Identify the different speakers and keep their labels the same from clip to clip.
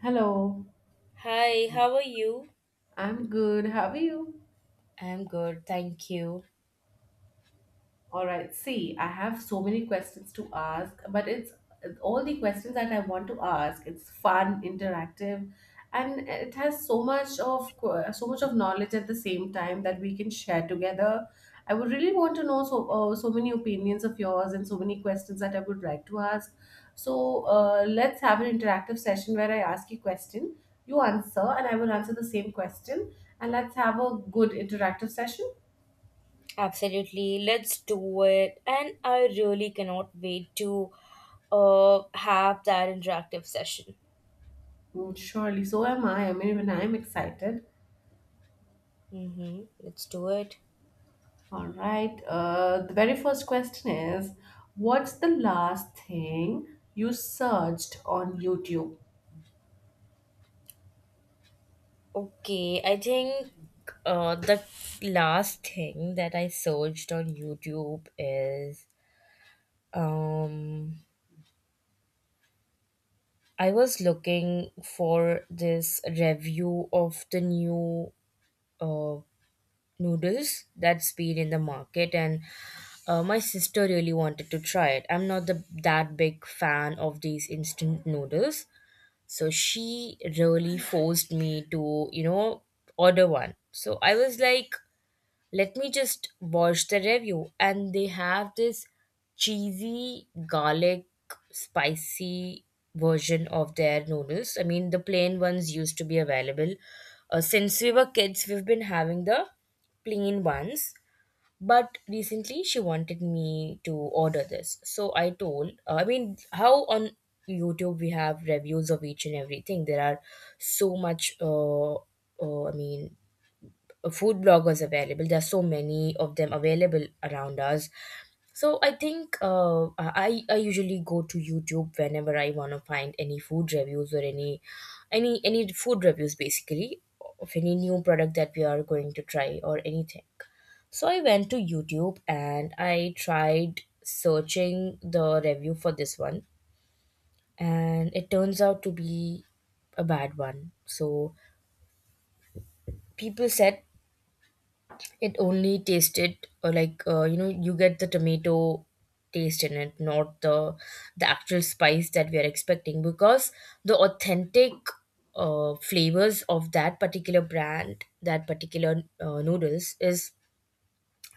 Speaker 1: Hello,
Speaker 2: Hi, how are you?
Speaker 1: I'm good. How are you?
Speaker 2: I'm good, thank you.
Speaker 1: All right. See, I have so many questions to ask, but it's all the questions that I want to ask. It's fun, interactive, and it has so much of so much of knowledge at the same time that we can share together. I would really want to know so so many opinions of yours and so many questions that I would like to ask. So let's have an interactive session where I ask you question, you answer, and I will answer the same question, and let's have a good interactive session.
Speaker 2: Absolutely, let's do it. And I really cannot wait to have that interactive session.
Speaker 1: Mm, surely, so am I. I mean, even I'm excited.
Speaker 2: Mm-hmm. Let's do it.
Speaker 1: All right. The very first question is, what's the last thing you searched on YouTube?
Speaker 2: Okay, I think the last thing that I searched on YouTube is um, I was looking for this review of the new uh, noodles that has been in the market, and my sister really wanted to try it. I'm not the, that big fan of these instant noodles, so she really forced me to order one. So I was like, let me just watch the review. And they have this cheesy, garlic, spicy version of their noodles. I mean, the plain ones used to be available. Since we were kids, we've been having the plain ones. But recently, she wanted me to order this. So I told, I mean, how on YouTube we have reviews of each and everything. There are so much. I mean, food bloggers available. There are so many of them available around us. So I think I usually go to YouTube whenever I want to find any food reviews or any food reviews, basically, of any new product that we are going to try or anything. So I went to YouTube and I tried searching the review for this one, and it turns out to be a bad one. So people said it only tasted like, you know, you get the tomato taste in it, not the actual spice that we are expecting. Because the authentic flavors of that particular brand, that particular noodles is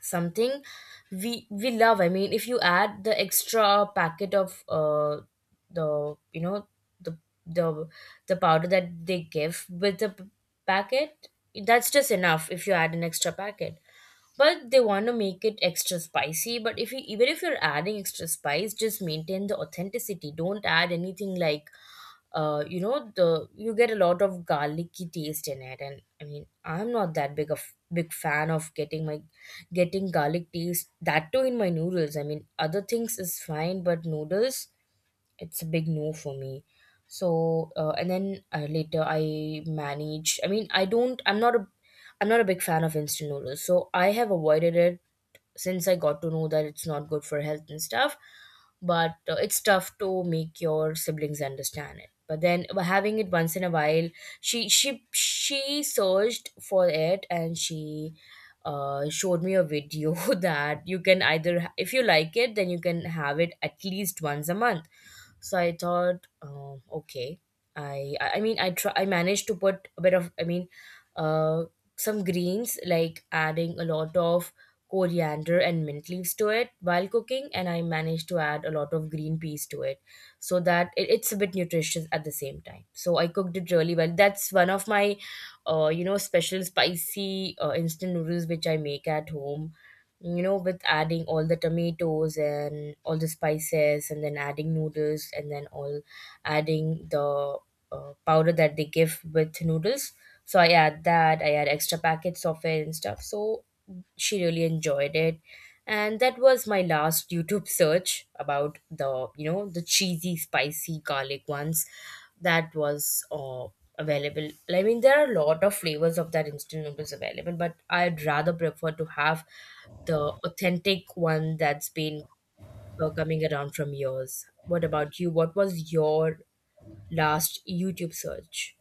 Speaker 2: something we love. I mean, if you add the extra packet of the you know the the the powder that they give with the packet, that's just enough. If you add an extra packet, but they want to make it extra spicy, but if you, even if you're adding extra spice, just maintain the authenticity. Don't add anything like, you know, the, you get a lot of garlicky taste in it. And I mean, I'm not that big fan of getting my getting garlic taste, that too in my noodles. I mean, other things is fine, but noodles, it's a big no for me. So and then later I manage, I mean, I don't, I'm not a, I'm not a big fan of instant noodles, so I have avoided it since I got to know that it's not good for health and stuff. But it's tough to make your siblings understand it. But then by having it once in a while, she searched for it, and she showed me a video that you can either, if you like it, then you can have it at least once a month. So I thought, okay, I mean, I try, I managed to put a bit of, I mean, uh some greens, like adding a lot of coriander and mint leaves to it while cooking. And I managed to add a lot of green peas to it so that it, it's a bit nutritious at the same time. So I cooked it really well. That's one of my you know, special spicy instant noodles which I make at home, you know, with adding all the tomatoes and all the spices, and then adding noodles, and then all adding the powder that they give with noodles. So I add that. I add extra packets of it and stuff. So she really enjoyed it, and that was my last YouTube search about the, you know, the cheesy spicy garlic ones that was available. I mean, there are a lot of flavors of that instant noodles available, but I'd rather prefer to have the authentic one that's been coming around from yours. What about you? What was your last YouTube search?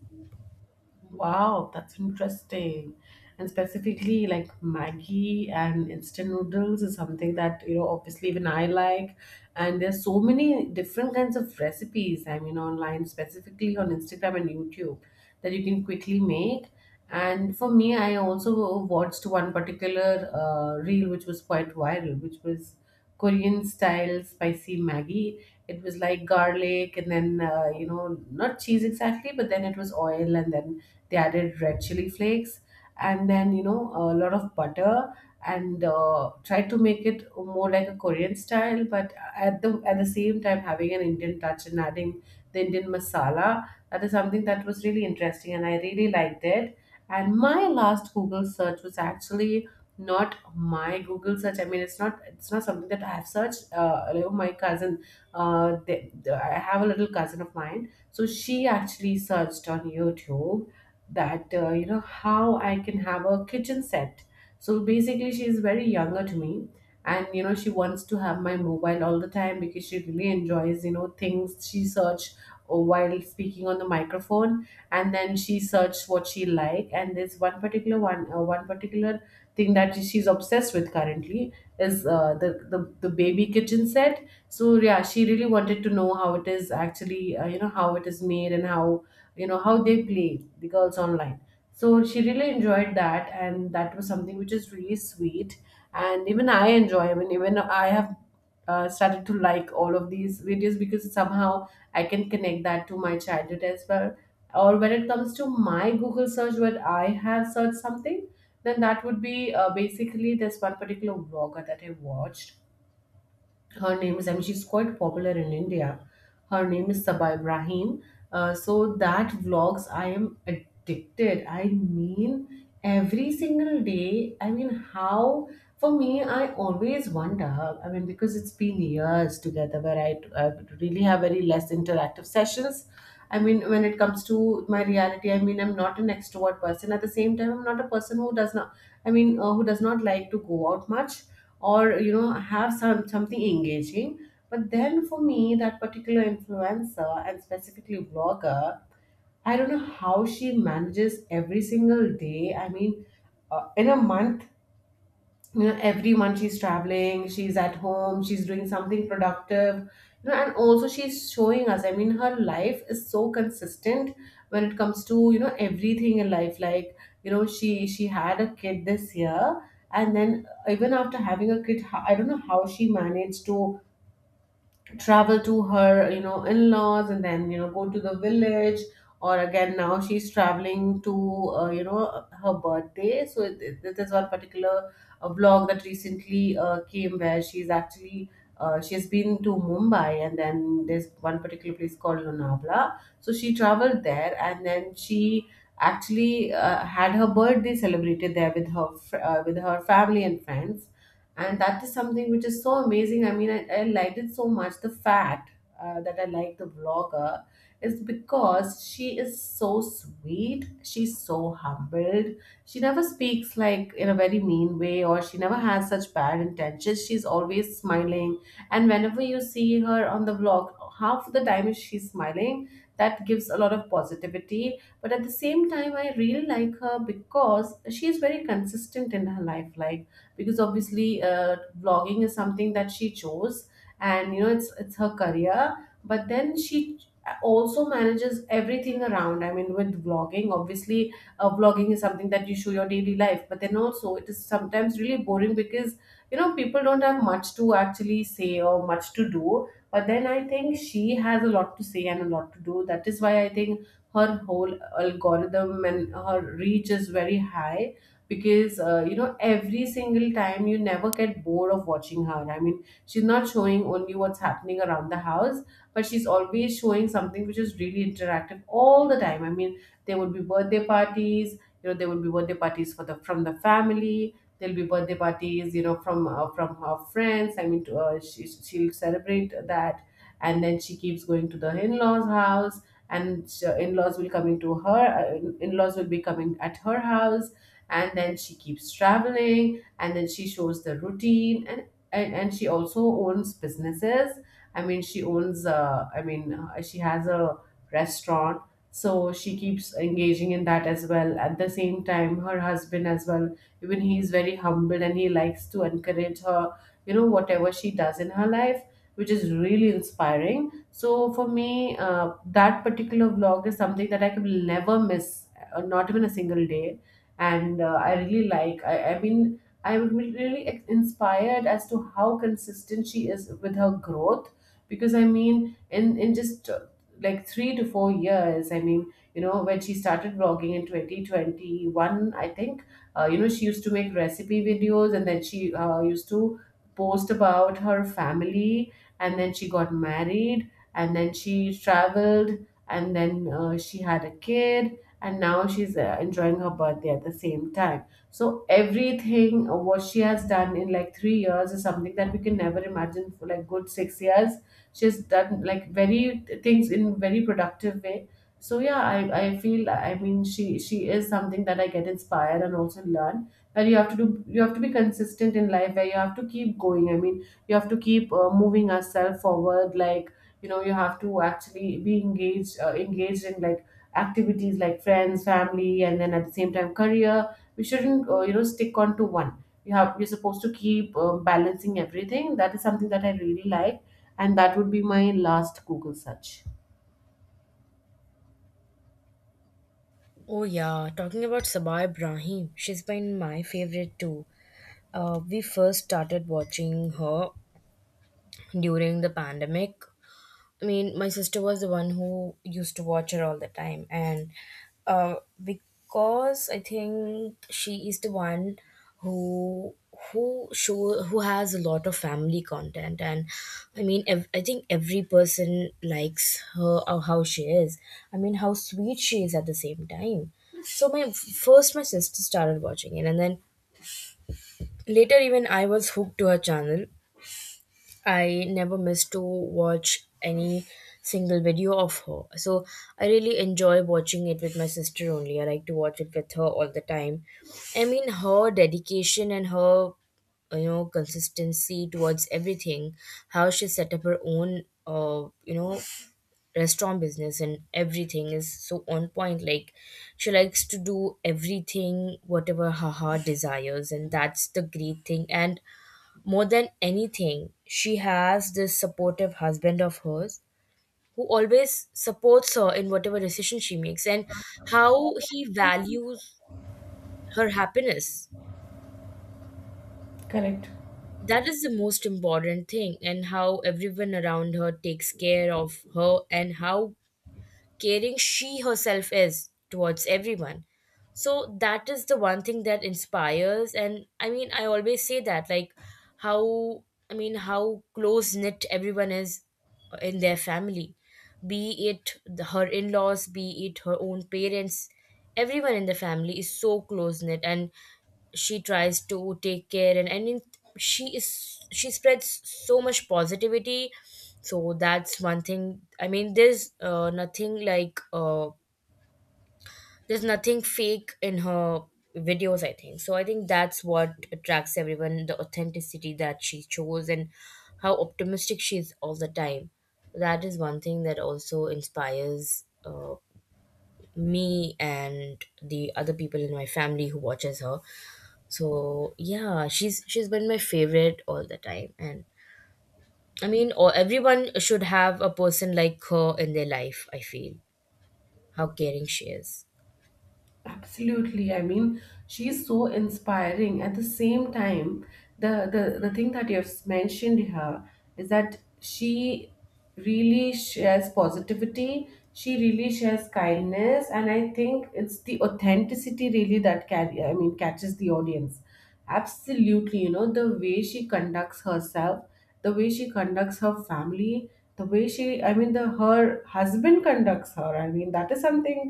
Speaker 1: Wow, that's interesting. And specifically, like Maggie and instant noodles is something that, you know, obviously even I like. And there's so many different kinds of recipes, I mean, online, specifically on Instagram and YouTube, that you can quickly make. And for me, I also watched one particular reel which was quite viral, which was Korean style spicy Maggie. It was like garlic and then, you know, not cheese exactly, but then it was oil and then they added red chili flakes and then, you know, a lot of butter and tried to make it more like a Korean style, but at the same time having an Indian touch and adding the Indian masala. That is something that was really interesting and I really liked it. And my last Google search was actually not my Google search. I mean, it's not something that I have searched. You know, my cousin, I have a little cousin of mine, so she actually searched on YouTube that you know how I can have a kitchen set. So basically, she is very younger to me, and you know she wants to have my mobile all the time because she really enjoys, you know, things she search while speaking on the microphone, and then she searched what she like. And there's one particular thing that she's obsessed with currently is the baby kitchen set. So yeah, she really wanted to know how it is actually, you know how it is made and how, you know, how they play the girls online. So she really enjoyed that and that was something which is really sweet, and even I enjoy. I mean, even I have started to like all of these videos because somehow I can connect that to my childhood as well. Or when it comes to my Google search, when I have searched something, then that would be basically this one particular vlogger that I watched. Her name is, I mean, she's quite popular in India. Her name is Saba Ibrahim. So that vlogs, I am addicted. I mean, every single day. I mean, how, for me, I always wonder. I mean, because it's been years together where I really have very less interactive sessions. I mean, when it comes to my reality, I mean, I'm not an extrovert person. At the same time, I'm not a person who does not. I mean, who does not like to go out much, or you know have some something engaging. But then for me, that particular influencer and specifically vlogger, I don't know how she manages every single day. I mean, in a month, you know, every month she's traveling, she's at home, she's doing something productive, you know, and also she's showing us. I mean, her life is so consistent when it comes to, you know, everything in life. Like, you know, she had a kid this year, and then even after having a kid, I don't know how she managed to travel to her, you know, in-laws, and then, you know, go to the village. Or again, now she's traveling to, you know, her birthday. So there's one particular vlog that recently came, where she's actually she has been to Mumbai, and then there's one particular place called Lonavala. So she traveled there, and then she actually had her birthday celebrated there with her with her family and friends. And that is something which is so amazing. I mean, I liked it so much. The fact that I like the vlogger is because she is so sweet, she's so humbled, she never speaks like in a very mean way, or she never has such bad intentions, she's always smiling. And whenever you see her on the vlog, half the time she's smiling. That gives a lot of positivity. But at the same time, I really like her because she is very consistent in her life. Like, because obviously vlogging is something that she chose, and you know it's her career. But then she also manages everything around. I mean, with vlogging obviously, vlogging is something that you show your daily life, but then also it is sometimes really boring because, you know, people don't have much to actually say or much to do. But then I think she has a lot to say and a lot to do, that is why I think her whole algorithm and her reach is very high, because you know every single time you never get bored of watching her. I mean, she's not showing only what's happening around the house, but she's always showing something which is really interactive all the time. I mean, there would be birthday parties, you know, there would be birthday parties for the from the family, there'll be birthday parties, you know, from her friends. I mean, she'll celebrate that, and then she keeps going to the in-laws house, and in-laws will coming to her, in-laws will be coming at her house, and then she keeps traveling, and then she shows the routine. And and she also owns businesses. I mean, she owns, she has a restaurant. So she keeps engaging in that as well. At the same time, her husband as well, even he is very humble and he likes to encourage her, you know, whatever she does in her life, which is really inspiring. So for me, that particular vlog is something that I can never miss, not even a single day. And I really like. I mean, I'm really inspired as to how consistent she is with her growth. Because I mean, in just like 3 to 4 years, I mean, you know, when she started vlogging in 2021, I think, you know, she used to make recipe videos, and then she used to post about her family, and then she got married, and then she traveled, and then she had a kid, and now she's enjoying her birthday at the same time. So everything, what she has done in like 3 years is something that we can never imagine. For like good 6 years, she's done like very things in very productive way. So yeah, I feel, I mean, she is something that I get inspired and also learn, that you have to do, you have to be consistent in life, where you have to keep going. I mean, you have to keep moving ourselves forward. Like, you know, you have to actually be engaged, engaged in like activities, like friends, family, and then at the same time career. We shouldn't, you know, stick on to one. You have, you're supposed to keep balancing everything. That is something that I really like. And that would be my last Google search.
Speaker 2: Oh yeah, talking about Sabah Ibrahim, she's been my favorite too. We first started watching her during the pandemic. I mean, my sister was the one who used to watch her all the time, and uh, because I think she is the one who who show who has a lot of family content. And I mean, I think every person likes her or how she is. I mean, how sweet she is at the same time. So my sister started watching it, and then later even I was hooked to her channel. I never miss to watch any single video of her. So I really enjoy watching it with my sister only. I like to watch it with her all the time. I mean, her dedication and her, you know, consistency towards everything, how she set up her own, you know, restaurant business and everything is so on point. Like, she likes to do everything whatever her heart desires, and that's the great thing. And more than anything, she has this supportive husband of hers, who always supports her in whatever decision she makes, and how he values her happiness.
Speaker 1: Correct.
Speaker 2: That is the most important thing, and how everyone around her takes care of her, and how caring she herself is towards everyone. So that is the one thing that inspires. And I mean, I always say that, like, how, I mean, how close knit everyone is in their family, be it the, her in laws, be it her own parents, everyone in the family is so close knit. And she tries to take care and in, she spreads so much positivity. So that's one thing. I mean, there's nothing like, there's nothing fake in her videos, I think. So I think that's what attracts everyone, the authenticity that she chose, and how optimistic she is all the time. That is one thing that also inspires me and the other people in my family who watches her. So yeah, she's been my favorite all the time. And I mean, or everyone should have a person like her in their life, I feel, how caring she is.
Speaker 1: Absolutely. I mean, she's so inspiring. At the same time, the thing that you've mentioned her is that she really shares positivity, she really shares kindness, and I think it's the authenticity really that I mean, catches the audience. Absolutely, you know, the way she conducts herself, the way she conducts her family, the way she I mean the her husband conducts her. I mean that is something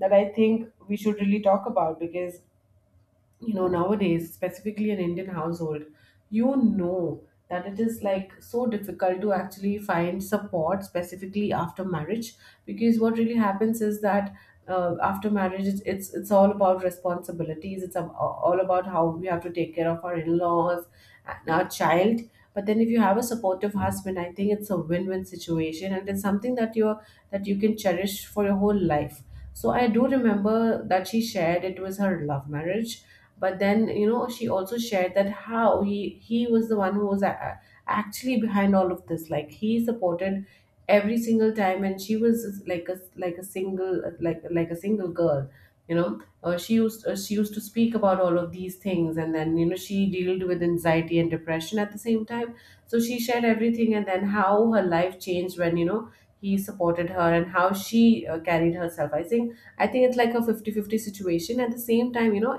Speaker 1: that I think we should really talk about, because you know nowadays, specifically in Indian household, you know, that it is like so difficult to actually find support specifically after marriage. Because what really happens is that after marriage it's all about responsibilities, all about how we have to take care of our in-laws and our child. But then if you have a supportive husband, I think it's a win-win situation, and it's something that you're that you can cherish for your whole life. So I do remember that she shared it was her love marriage, but then you know she also shared that how he was the one who actually behind all of this, like he supported every single time, and she was like a single like a single girl, you know. She used to speak about all of these things, and then you know she dealt with anxiety and depression at the same time. So she shared everything, and then how her life changed when you know he supported her and how she carried herself. I think it's like a 50-50 situation at the same time, you know.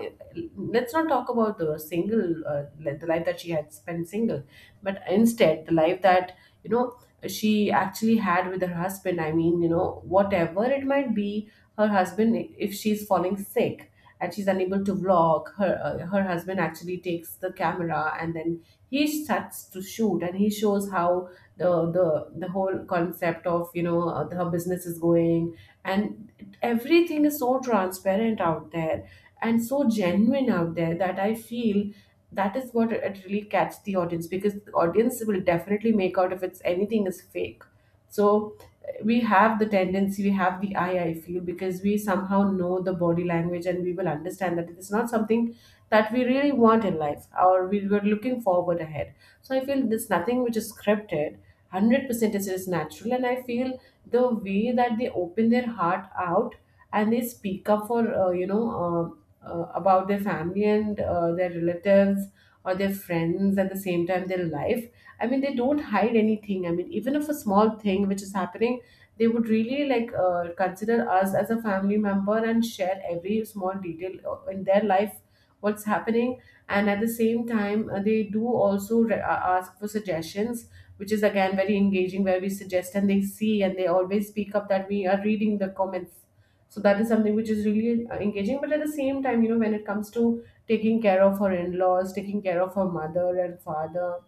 Speaker 1: Let's not talk about the single the life that she had spent single, but instead the life that you know she actually had with her husband. I mean, you know whatever it might be, her husband, if she's falling sick and she's unable to vlog, her her husband actually takes the camera, and then he starts to shoot, and he shows how the the the whole concept of her business is going, and everything is so transparent out there and so genuine out there, that I feel that is what it really catch the audience, because the audience will definitely make out if it's anything is fake. So we have the tendency, we have the eye, I feel, because we somehow know the body language, and we will understand that it is not something that we really want in life or we were looking forward ahead. So I feel there's nothing which is scripted. 100% is natural, and I feel the way that they open their heart out and they speak up for about their family and their relatives or their friends, at the same time their life. I mean, they don't hide anything. I mean, even if a small thing which is happening, they would really like consider us as a family member and share every small detail in their life, what's happening. And at the same time they do also ask for suggestions, which is again very engaging, where we suggest and they see, and they always speak up that we are reading the comments. So that is something which is really engaging, but at the same time you know when it comes to taking care of her in-laws, taking care of her mother and father,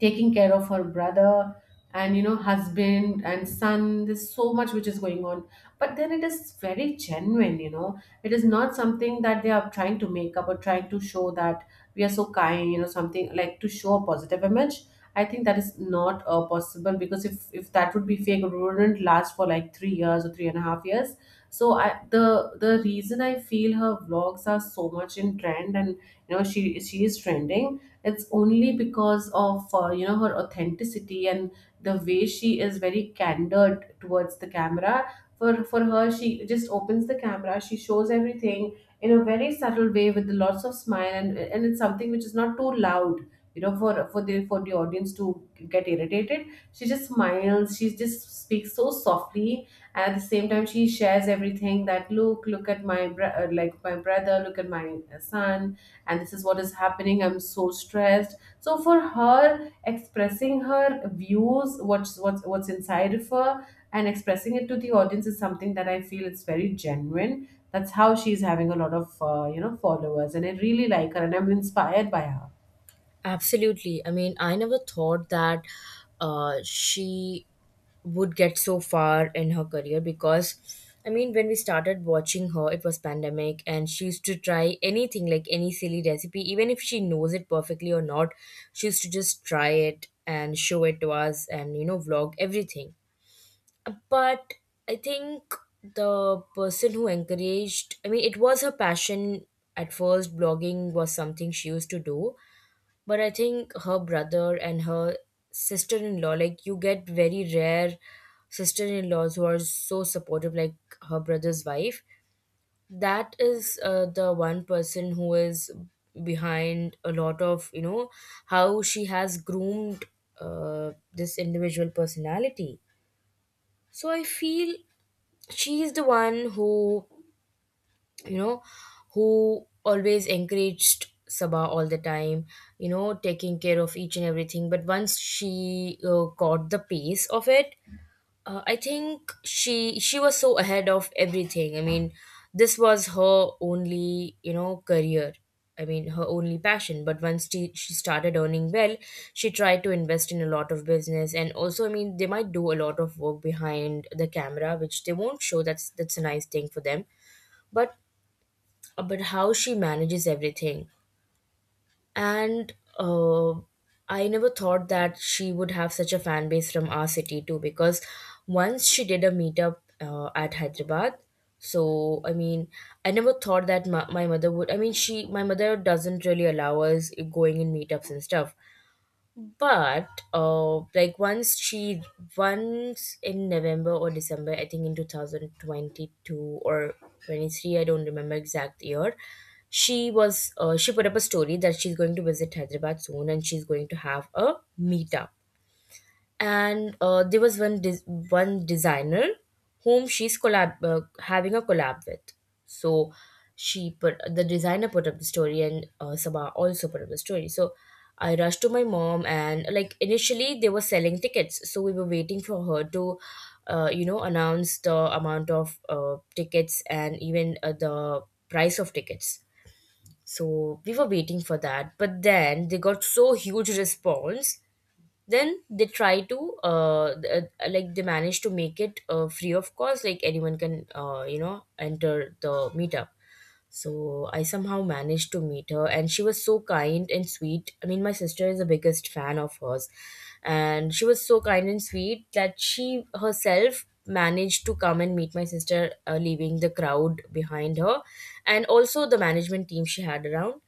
Speaker 1: taking care of her brother and you know husband and son, there's so much which is going on. But then it is very genuine, you know. It is not something that they are trying to make up or trying to show that we are so kind, you know, something like to show a positive image. I think that is not possible, because if that would be fake, it wouldn't last for like 3 years or three and a half years. So I the reason I feel her vlogs are so much in trend, and you know she is trending, it's only because of her authenticity and the way she is very candid towards the camera. For her, she just opens the camera, she shows everything in a very subtle way with lots of smile, and it's something which is not too loud, you know, for for the audience to get irritated. She just smiles, she just speaks so softly, and at the same time she shares everything, that look like my brother, look at my son, and this is what is happening, I'm so stressed. So for her, expressing her views, what's inside of her and expressing it to the audience is something that I feel it's very genuine. That's how she's having a lot of followers, and I really like her, and I'm inspired by her.
Speaker 2: Absolutely, I mean, I never thought that she would get so far in her career, because I mean, when we started watching her, it was pandemic, and she used to try anything, like any silly recipe, even if she knows it perfectly or not, she used to just try it and show it to us and, you know, vlog everything. But I think the person who encouraged, I mean, it was her passion at first. Blogging was something she used to do, but I think her brother and her sister in law, like, you get very rare sister in laws who are so supportive, like her brother's wife. That is the one person who is behind a lot of, you know, how she has groomed this individual personality. So I feel she's the one who, you know, who always encouraged Sabah all the time, you know, taking care of each and everything. But once she got the pace of it, I think she was so ahead of everything. I mean, this was her only, you know, career. I mean, her only passion. But once she started earning well, she tried to invest in a lot of business. And also, I mean, they might do a lot of work behind the camera, which they won't show. That's a nice thing for them. But but how she manages everything, and uh, I never thought that she would have such a fan base from our city too, because once she did a meetup at Hyderabad. So I mean, I never thought that my mother would, I mean, she my mother doesn't really allow us going in meetups and stuff. But like, once she, once in November or December, I think in 2022 or 23, I don't remember exact year, she was she put up a story that she's going to visit Hyderabad soon and she's going to have a meetup. And there was one designer whom she's collab having a collab with. So she put the designer put up the story, and Sabah also put up the story. So I rushed to my mom, and like initially they were selling tickets, so we were waiting for her to you know, announce the amount of tickets, and even the price of tickets. So we were waiting for that, but then they got so huge response. Then they try to like, they manage to make it free of cost, like anyone can you know, enter the meetup. So I somehow managed to meet her, and she was so kind and sweet. I mean, my sister is the biggest fan of hers, and she was so kind and sweet that she herself managed to come and meet my sister, leaving the crowd behind her, and also the management team she had around.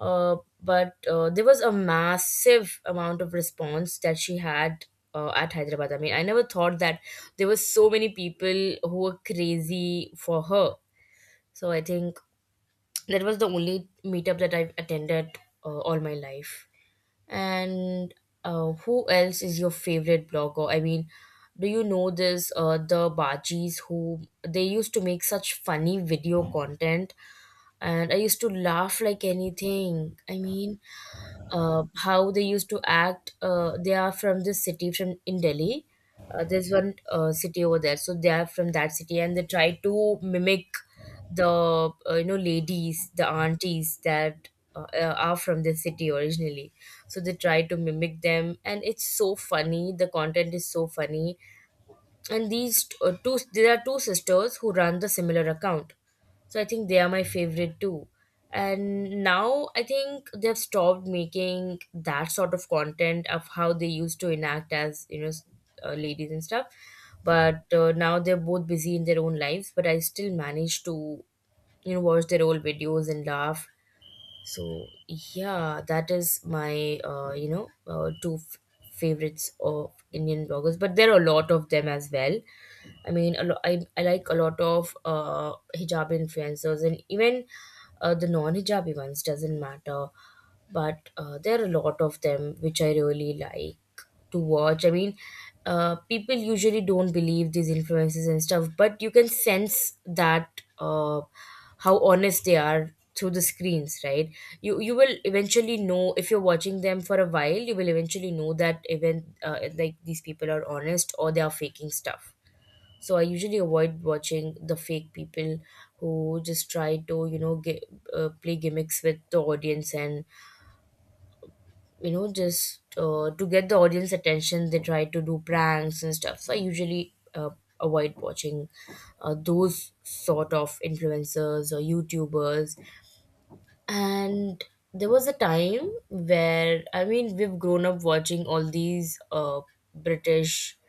Speaker 2: Uh, but uh, there was a massive amount of response that she had at Hyderabad. I mean, I never thought that there were so many people who were crazy for her. So I think that was the only meetup that I've attended all my life. And who else is your favorite blogger? I mean, do you know this? The Bajis, who they used to make such funny video content, and I used to laugh like anything. I mean, how they used to act. They are from this city, from in Delhi. There's one city over there, so they are from that city, and they try to mimic the you know, ladies, the aunties that are from this city originally. So they try to mimic them, and it's so funny. The content is so funny, and these t- two there are two sisters who run the similar account, so I think they are my favorite too. And now I think they've stopped making that sort of content of how they used to enact as, you know, ladies and stuff. But now they're both busy in their own lives, but I still manage to, you know, watch their old videos and laugh. So yeah, that is my you know, favorites of Indian bloggers, but there are a lot of them as well. I mean, I like a lot of hijab influencers, and even the non-hijabi ones, doesn't matter. But there are a lot of them which I really like to watch. I mean, people usually don't believe these influences and stuff, but you can sense that how honest they are through the screens, right? You will eventually know if you're watching them for a while. You will eventually know that even like, these people are honest or they are faking stuff. So I usually avoid watching the fake people who just try to, you know, get, play gimmicks with the audience, and you know, just to get the audience attention, they try to do pranks and stuff. So I usually avoid watching those sort of influencers or YouTubers. And there was a time where, I mean, we've grown up watching all these british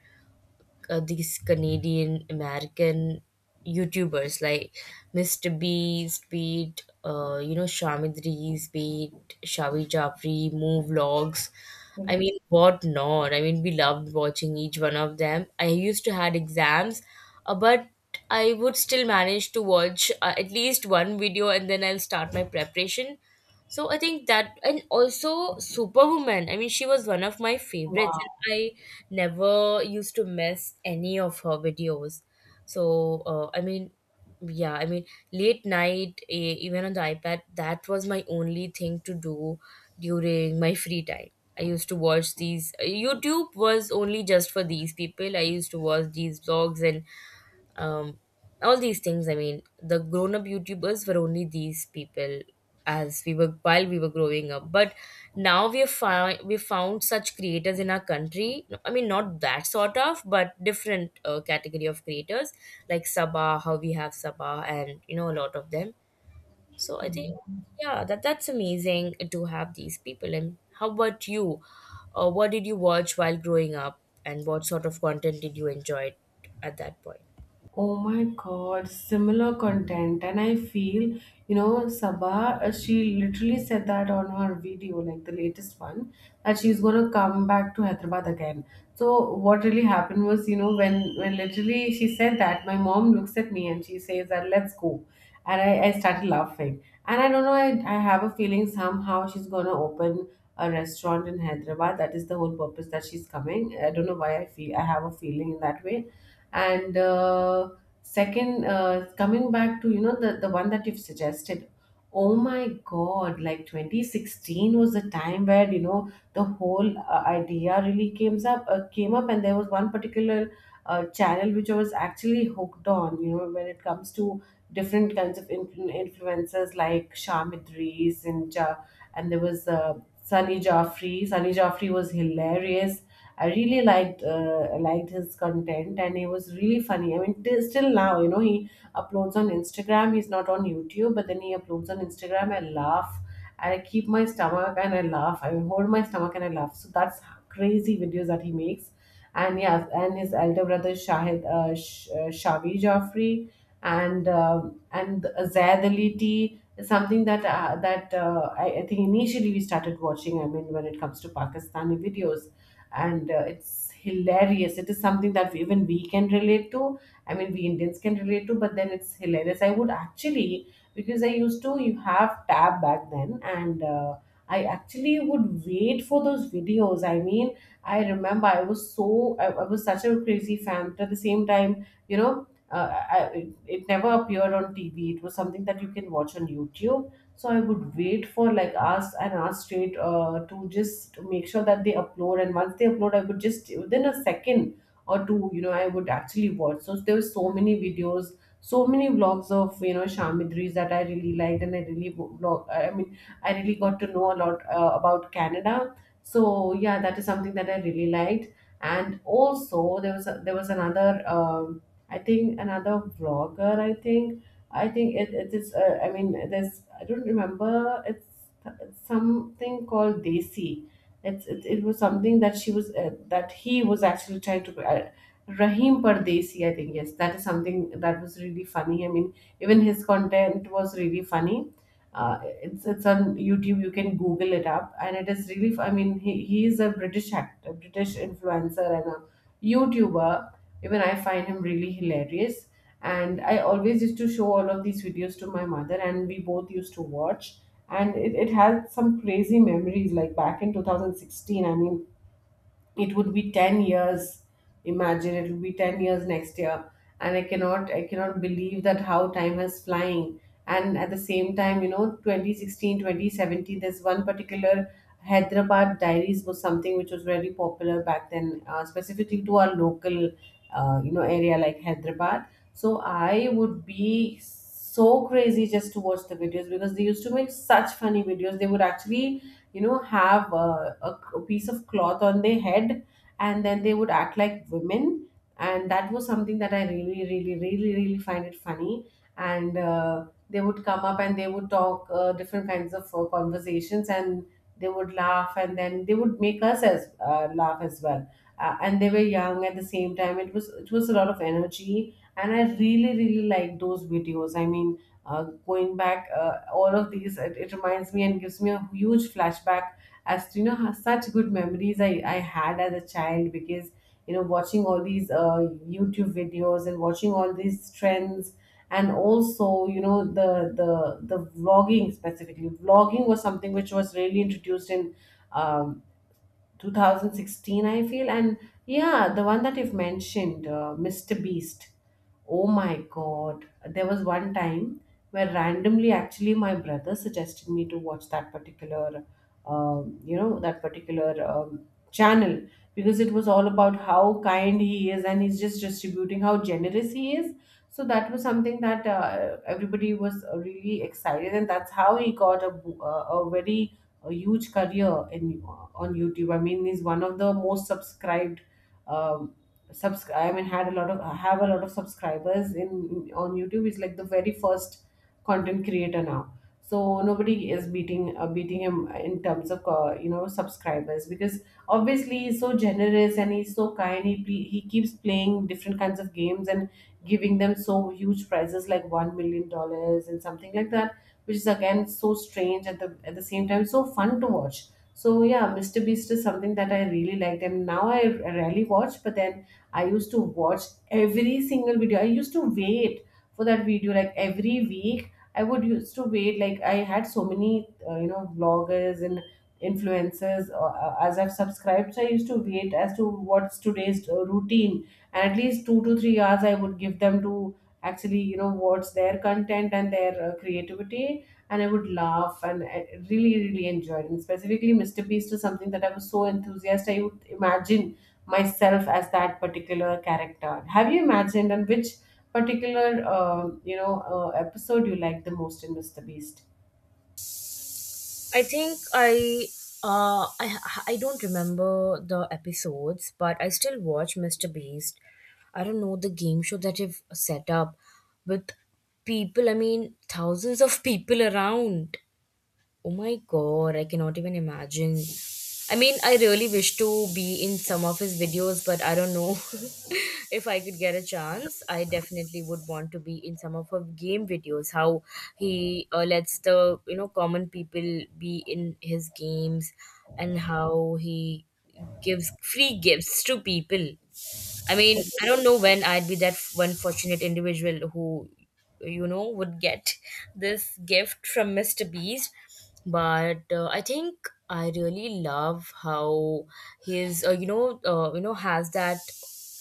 Speaker 2: these Canadian American YouTubers like Mr. Beast, Beat, you know, Shamidris, Beat, Shavi Japri, Move Vlogs. I
Speaker 1: Correct.
Speaker 2: mean, what not? I mean, we loved watching each one of them. I used to had exams, but I would still manage to watch at least one video, and then I'll start my preparation. So I think that, and also Superwoman. I mean, she was one of my favorites,
Speaker 1: Wow.
Speaker 2: and I never used to miss any of her videos. So I mean, yeah, I mean, late night, eh, even on the iPad, that was my only thing to do during my free time. I used to watch these. YouTube was only just for these people. I used to watch these vlogs and um, all these things. I mean, the grown-up YouTubers were only these people as we were while we were growing up. But now we found such creators in our country. I mean, not that sort of, but different category of creators, like Sabah, how we have Sabah, and you know, a lot of them. So I think, yeah, that's amazing to have these people. And how about you? What did you watch while growing up, and what sort of content did you enjoy at that point?
Speaker 1: Oh my God, similar content. And I feel, you know, Sabah, she literally said that on her video, like the latest one, that she's gonna come back to Hyderabad again. So what really happened was, you know, when literally she said that, my mom looks at me and she says that let's go. And I started laughing. And I don't know, I have a feeling somehow she's gonna open a restaurant in Hyderabad. That is the whole purpose that she's coming. I don't know why I feel I have a feeling in that way. And second, coming back to you know the one that you've suggested, oh my god, like 2016 was the time where you know the whole idea really came up. And there was one particular channel which I was actually hooked on, you know, when it comes to different kinds of influencers like Sham Idris and ja- and there was Sunny Jaffrey. Sunny Jaffrey was hilarious. I really liked his content, and he was really funny. I mean, till still now, you know, he uploads on Instagram. He's not on YouTube, but then he uploads on Instagram. I laugh, I keep my stomach, and I laugh. I hold my stomach, and I laugh. So that's crazy videos that he makes. And yeah, and his elder brother Shavi Joffrey and Zaid Ali T is something that I think initially we started watching. I mean, when it comes to Pakistani videos. And it's hilarious, it is something that even we can relate to. I mean, we Indians can relate to, but then it's hilarious. I would actually, because I used to, you have tab back then, and I actually would wait for those videos. I mean, I remember I was so I was such a crazy fan, but at the same time you know it, it never appeared on TV, it was something that you can watch on YouTube. So I would wait for like ask and ask straight to just make sure that they upload, and once they upload I would just within a second or two, you know, I would actually watch. So there were so many videos, so many vlogs of you know Shamidris that I really liked, and I really wo- vlog I mean I really got to know a lot about Canada. So yeah, that is something that I really liked. And also there was there was another I think another vlogger. It is. I mean, there's. I don't remember. It's something called Desi. It's it was something that she was that he was actually trying to. Rahim Pardesi, I think yes, that is something that was really funny. I mean, even his content was really funny. It's on YouTube. You can Google it up, and it is really. I mean, he is a British actor, British influencer, and a YouTuber. Even I find him really hilarious, and I always used to show all of these videos to my mother, and we both used to watch. And it had some crazy memories, like back in 2016. I mean, it would be 10 years, imagine it will be 10 years next year. And I cannot believe that how time is flying. And at the same time, you know, 2016, 2017, there's one particular Hyderabad Diaries was something which was very popular back then, specifically to our local area like Hyderabad. So I would be so crazy just to watch the videos, because they used to make such funny videos. They would actually, you know, have a piece of cloth on their head, and then they would act like women, and that was something that I really really really really find it funny. And they would come up and they would talk different kinds of conversations, and they would laugh, and then they would make us as laugh as well. And they were young. At the same time it was, it was a lot of energy, and I really really like those videos. I mean, going back all of these, it reminds me and gives me a huge flashback as to you know how such good memories I had as a child, because you know watching all these YouTube videos and watching all these trends, and also you know the vlogging, specifically vlogging, was something which was really introduced in um, 2016 I feel. And yeah, the one that you've mentioned, Mr. Beast, oh my god. There was one time where randomly actually my brother suggested me to watch that particular um, you know that particular um, channel, because it was all about how kind he is and he's just distributing, how generous he is. So that was something that everybody was really excited, and that's how he got a, bo- a very a huge career in on YouTube. I mean, he's one of the most subscribed. Um, I mean, had a lot of have a lot of subscribers in on YouTube. He's like the very first content creator now. So nobody is beating him in terms of subscribers, because obviously he's so generous and he's so kind. He keeps playing different kinds of games and giving them so huge prizes like $1 million and something like that, which is again so strange at the same time, so fun to watch. So yeah, Mr. Beast is something that I really liked, and now I rarely watch. But then I used to watch every single video. I used to wait for that video like every week. I would used to wait, like I had so many vloggers and influences as I've subscribed. So I used to wait as to what's today's routine, and at least 2 to 3 hours I would give them to actually you know what's their content and their creativity, and I would laugh, and I really really enjoyed it. And specifically Mr. Beast is something that I was so enthusiastic, I would imagine myself as that particular character. Have you imagined? And which particular episode you like the most in Mr. Beast?
Speaker 2: I think uh I I don't remember the episodes, but I still watch Mr. Beast. I don't know the game show that you've set up with people. I mean, thousands of people around. Oh my god, I cannot even imagine. I mean, I really wish to be in some of his videos, but I don't know if I could get a chance. I definitely would want to be in some of her game videos. How he lets the, you know, common people be in his games, and how he gives free gifts to people. I mean, I don't know when I'd be that one fortunate individual who, you know, would get this gift from Mr. Beast. But I think I really love how his, has that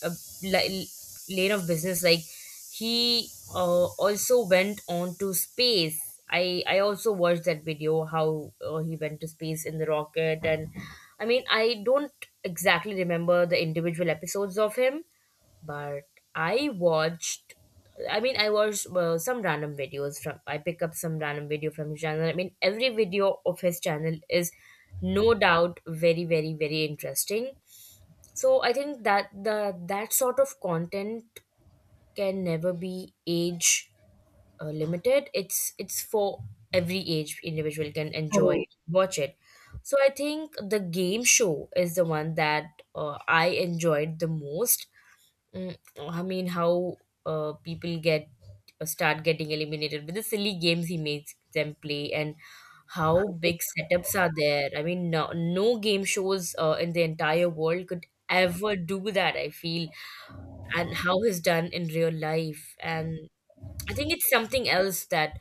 Speaker 2: uh, li- lane of business. Like, he also went on to space. I also watched that video, how he went to space in the rocket. And I mean, I don't exactly remember the individual episodes of him, but I watched. I mean, I watched some random videos from. I pick up some random video from his channel. I mean, every video of his channel is no doubt very, very, very interesting. So I think that the that sort of content can never be age limited. It's for every age, individual can enjoy,
Speaker 1: Correct.
Speaker 2: watch it. So I think the game show is the one that I enjoyed the most. Mm, I mean, how people get start getting eliminated with the silly games he makes them play, and how big setups are there. I mean, no, no game shows in the entire world could ever do that, I feel. And how he's done in real life, and I think it's something else that,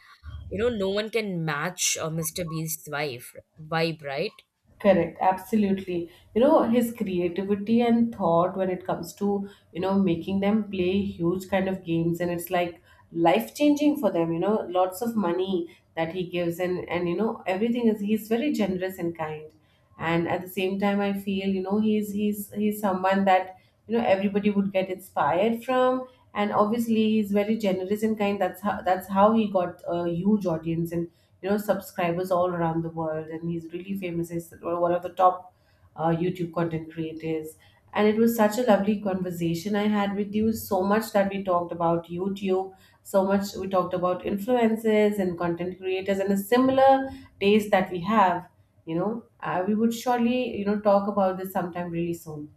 Speaker 2: you know, no one can match Mr. Beast's wife vibe, right?
Speaker 1: Correct, absolutely. You know, his creativity and thought when it comes to, you know, making them play huge kind of games, and it's like life changing for them, you know, lots of money that he gives. And you know, everything is, he's very generous and kind. And at the same time I feel, you know, he's someone that you know everybody would get inspired from. And obviously he's very generous and kind, that's how he got a huge audience and you know subscribers all around the world, and he's really famous. He's one of the top YouTube content creators. And it was such a lovely conversation I had with you. So much that we talked about YouTube, so much we talked about influencers and content creators, and a similar taste that we have. You know, we would surely, you know, talk about this sometime really soon.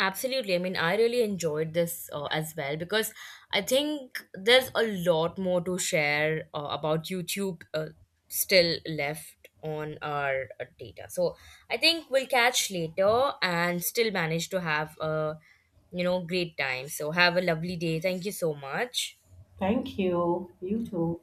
Speaker 2: Absolutely. I mean, I really enjoyed this as well, because I think there's a lot more to share about YouTube, still left on our data. So I think we'll catch later and still manage to have a, you know, great time. So have a lovely day, thank you so much.
Speaker 1: Thank you. You too.